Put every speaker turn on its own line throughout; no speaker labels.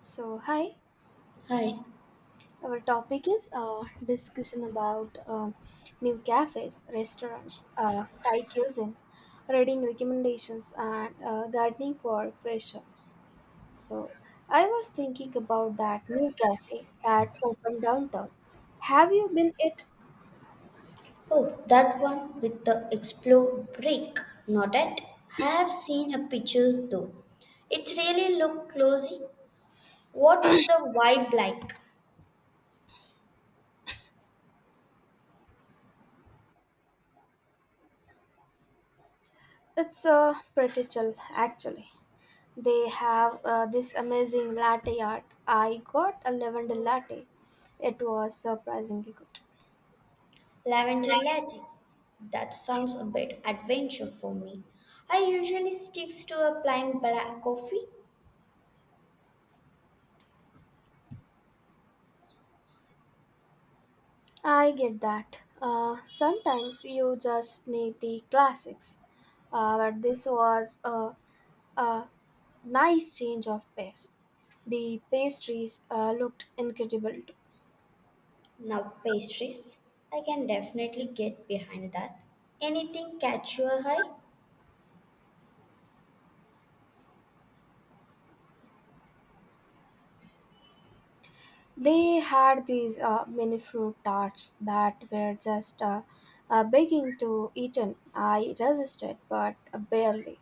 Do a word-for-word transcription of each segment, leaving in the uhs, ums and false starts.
So, hi,
Hi.
our topic is uh, discussion about uh, new cafes, restaurants, uh, Thai cuisine, reading recommendations, and uh, gardening for fresh ups. So, I was thinking about that new cafe that opened downtown. Have you been it?
Oh, that one with the explore brick. Not it. Have seen a pictures though. It's really look closely. What's the vibe like?
It's uh, pretty chill, actually. They have uh, this amazing latte art. I got a lavender latte. It was surprisingly good.
Lavender latte. That sounds a bit adventure for me. I usually sticks to a plain black coffee.
I get that. Uh, sometimes you just need the classics. Uh, but this was a, a nice change of pace. The pastries uh, looked incredible too.
Now pastries. I can definitely get behind that. Anything catch your eye?
They had these uh, mini fruit tarts that were just uh, uh, begging to eaten. I resisted, but barely.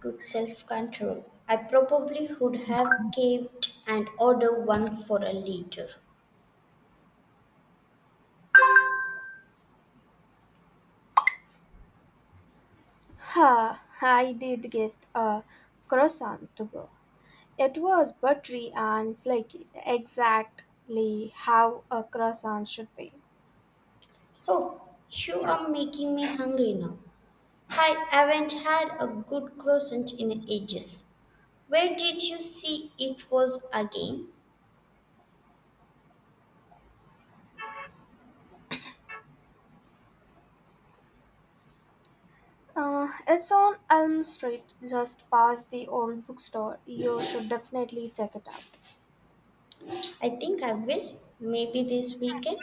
Good self control. I probably would have caved and ordered one for a liter.
Ha! I did get a croissant to go. It was buttery and flaky, exactly how a croissant should be.
Oh, you are making me hungry now. I haven't had a good croissant in ages. Where did you see it was again?
Uh, it's on Elm Street, just past the old bookstore. You should definitely check it out.
I think I will. Maybe this weekend.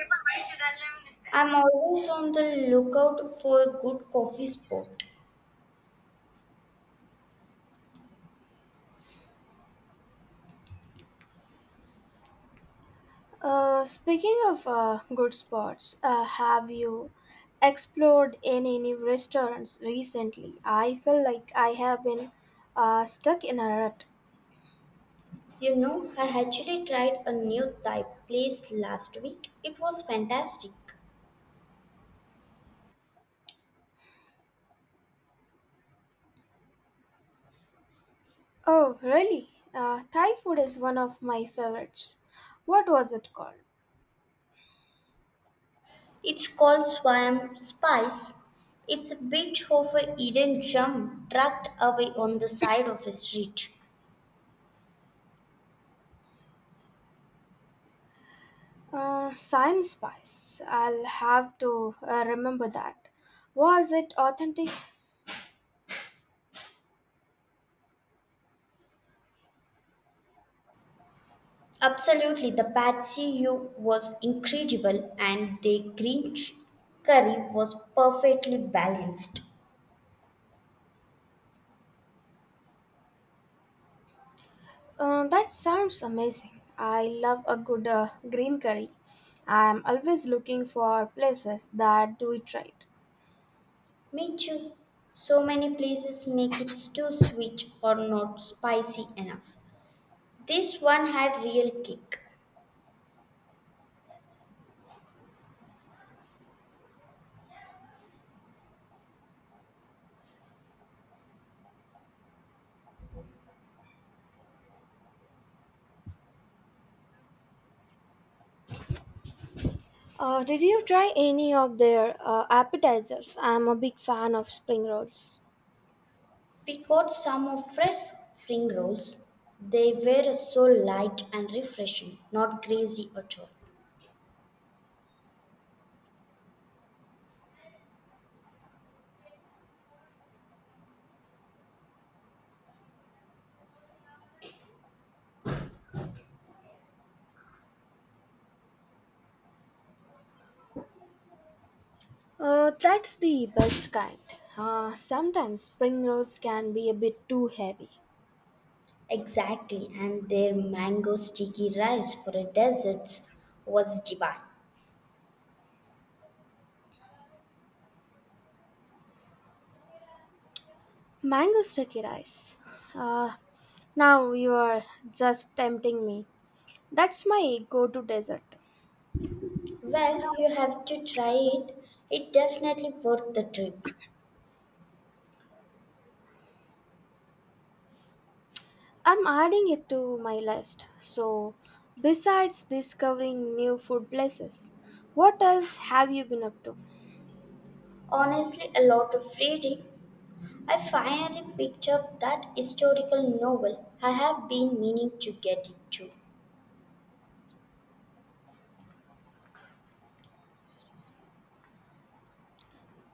I'm always on the lookout for a good coffee spot.
Uh, speaking of uh, good spots, uh, have you explored any new restaurants recently? I feel like I have been uh, stuck in a rut.
You know, I actually tried a new Thai place last week. It was fantastic.
Oh, really? Uh, Thai food is one of my favorites. What was it called?
It's called Swam Spice. It's a bit of a hidden gem tucked away on the side of a street.
Uh, Sime Spice. I'll have to uh, remember that. Was it authentic?
Absolutely, the Patsy U was incredible, and the green ch- curry was perfectly balanced.
Uh, that sounds amazing. I love a good uh, green curry. I'm always looking for places that do it right.
Me too. So many places make it too sweet or not spicy enough. This one had real kick.
Uh, did you try any of their uh, appetizers? I'm a big fan of spring rolls.
We got some of fresh spring rolls. They were so light and refreshing, not greasy at all.
Uh, that's the best kind. Uh, sometimes spring rolls can be a bit too heavy.
Exactly, and their mango sticky rice for a dessert was divine.
Mango sticky rice. Uh, Now you are just tempting me. That's my go to dessert.
Well, you have to try it. It definitely worth the trip.
I'm adding it to my list. So, besides discovering new food places, what else have you been up to?
Honestly, a lot of reading. I finally picked up that historical novel I have been meaning to get into.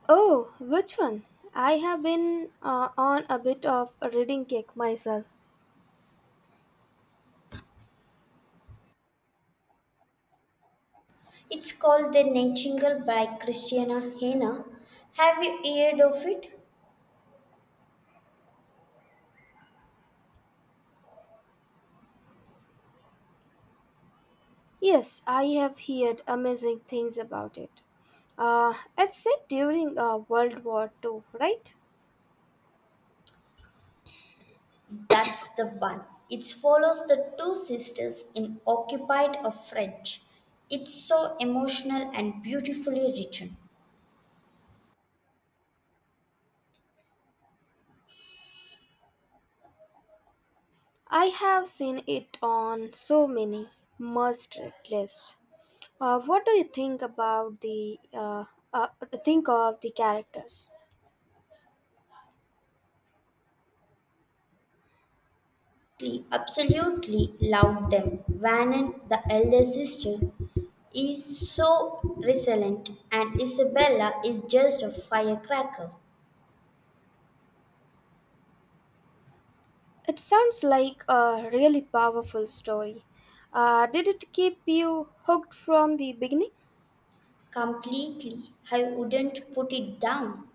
Oh, which one? I have been uh, on a bit of a reading kick myself.
It's called The Nightingale by Christiana Hena. Have you heard of it?
Yes, I have heard amazing things about it. Uh, it's set during uh, World War Two, right?
That's the one. It follows the two sisters in occupied of French. It's so emotional and beautifully written.
I have seen it on so many must read lists. Uh, what do you think about the uh, uh, think of the characters?
She absolutely loved them. Vannon, the elder sister, is so resilient, and Isabella is just a firecracker.
It sounds like a really powerful story. Uh, did it keep you hooked from the beginning?
Completely, I wouldn't put it down.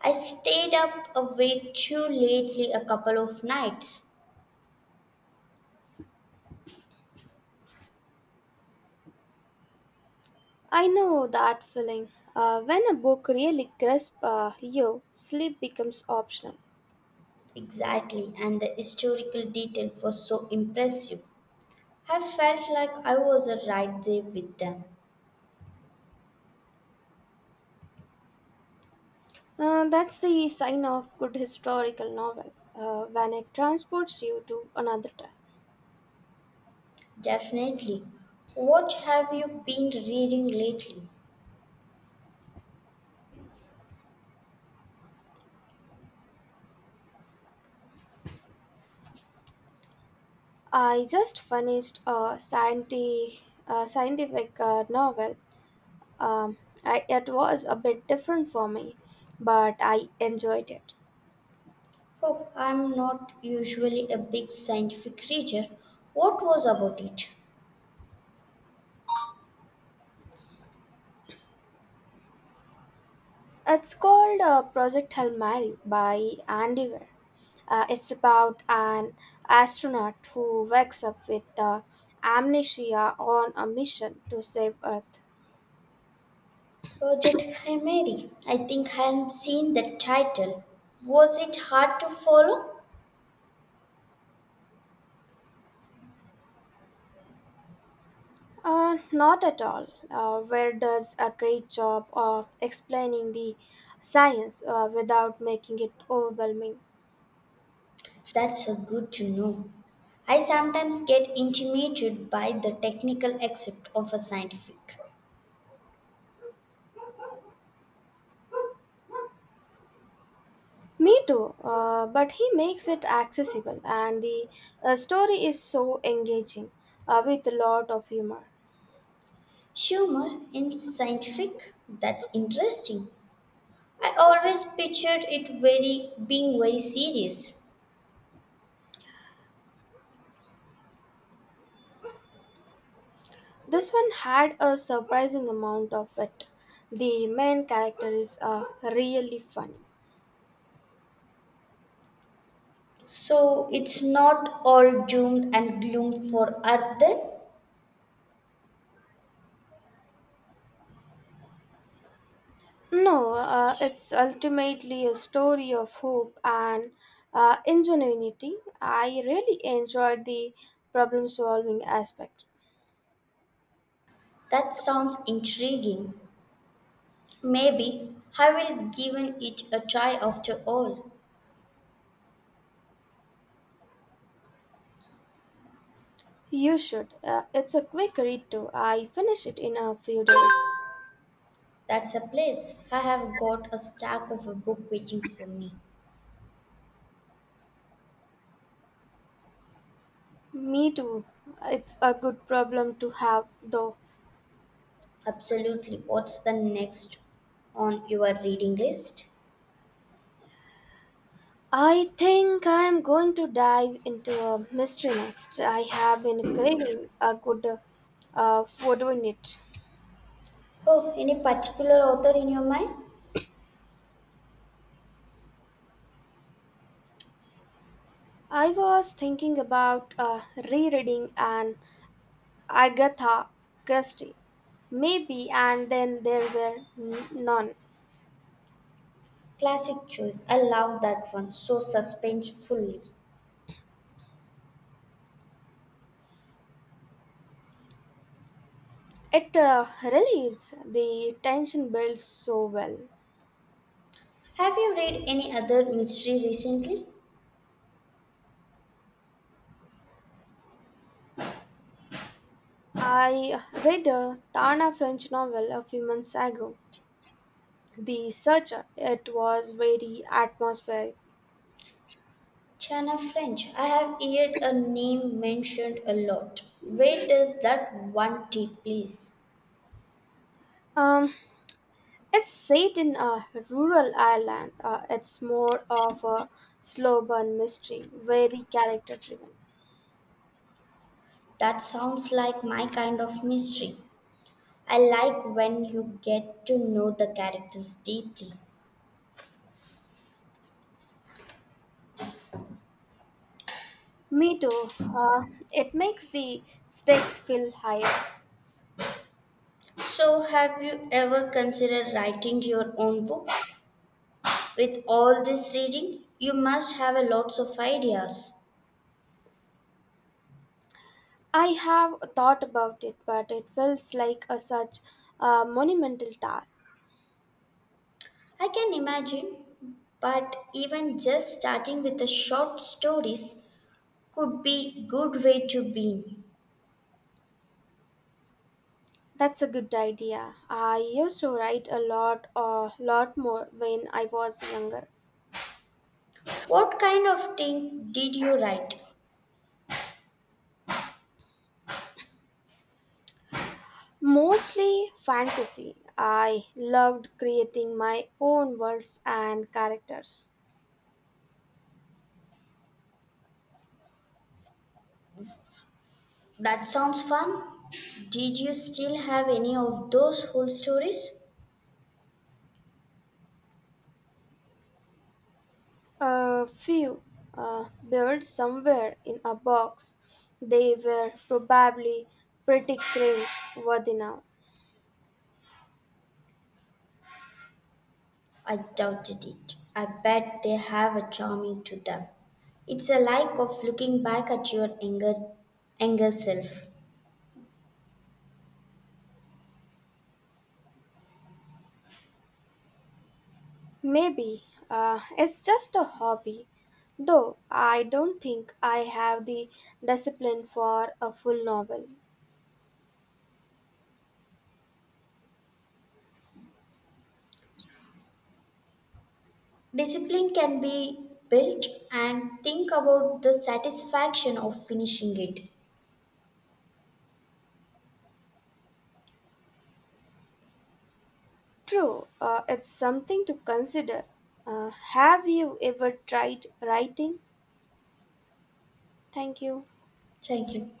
I stayed up awake too lately a couple of nights.
I know that feeling. Uh, when a book really grasps uh, you, sleep becomes optional.
Exactly, and the historical detail was so impressive. I felt like I was right there with them.
Uh, that's the sign of good historical novel. Uh, when it transports you to another time.
Definitely. What have you been reading lately?
I just finished a scientific, uh, scientific uh, novel. Um, I, it was a bit different for me, but I enjoyed it.
Oh, I'm not usually a big scientific reader. What was about it?
It's called uh, Project Hail Mary by Andy Weir. Uh, it's about an astronaut who wakes up with uh, amnesia on a mission to save Earth.
Project Chimera. I think I have seen the title. Was it hard to follow?
Uh, not at all. Uh, where does a great job of explaining the science uh, without making it overwhelming.
That's a good to know. I sometimes get intimidated by the technical aspect of a scientific.
Me too, uh, but he makes it accessible, and the uh, story is so engaging uh, with a lot of humor.
Humor in scientific? That's interesting. I always pictured it very being very serious.
This one had a surprising amount of it. The main character is uh, really funny.
So it's not all doomed and gloom for Earth then?
No, uh, it's ultimately a story of hope and uh, ingenuity. I really enjoyed the problem solving aspect.
That sounds intriguing. Maybe I will given it a try after all.
You should. Uh, it's a quick read too. I finished it in a few days.
That's a place I have got a stack of a book waiting for me.
Me too. It's a good problem to have, though.
Absolutely. What's the next on your reading list?
I think I am going to dive into a mystery next. I have been craving a good uh, photo in it.
Oh, any particular author in your mind?
I was thinking about uh, rereading an Agatha Christie, maybe, and then there were n- none.
Classic choice. I love that one. So suspensefully.
It uh, relieves the tension builds so well.
Have you read any other mystery recently?
I read a Tana French novel a few months ago, the search, it was very atmospheric.
Chana French. I have heard a name mentioned a lot. Where does that one take place?
um, it's set in a rural ireland. Uh, it's more of a slow burn mystery, very character driven.
That sounds like my kind of mystery. I like when you get to know the characters deeply.
Me too. Uh, it makes the stakes feel higher.
So, have you ever considered writing your own book? With all this reading, you must have a lots of ideas.
I have thought about it, but it feels like a such a monumental task.
I can imagine, but even just starting with the short stories could be good way to begin.
That's a good idea. I used to write a lot a lot more when I was younger.
What kind of thing did you write?
Mostly fantasy. I loved creating my own worlds and characters.
That sounds fun. Did you still have any of those whole stories?
A few uh, built somewhere in a box. They were probably pretty cringe worthy now.
I doubted it. I bet they have a charming to them. It's a like of looking back at your anger, anger self.
Maybe uh, it's just a hobby, though I don't think I have the discipline for a full novel.
Discipline can be built and think about the satisfaction of finishing it.
True, uh, it's something to consider. Uh, have you ever tried writing? Thank you.
Thank you.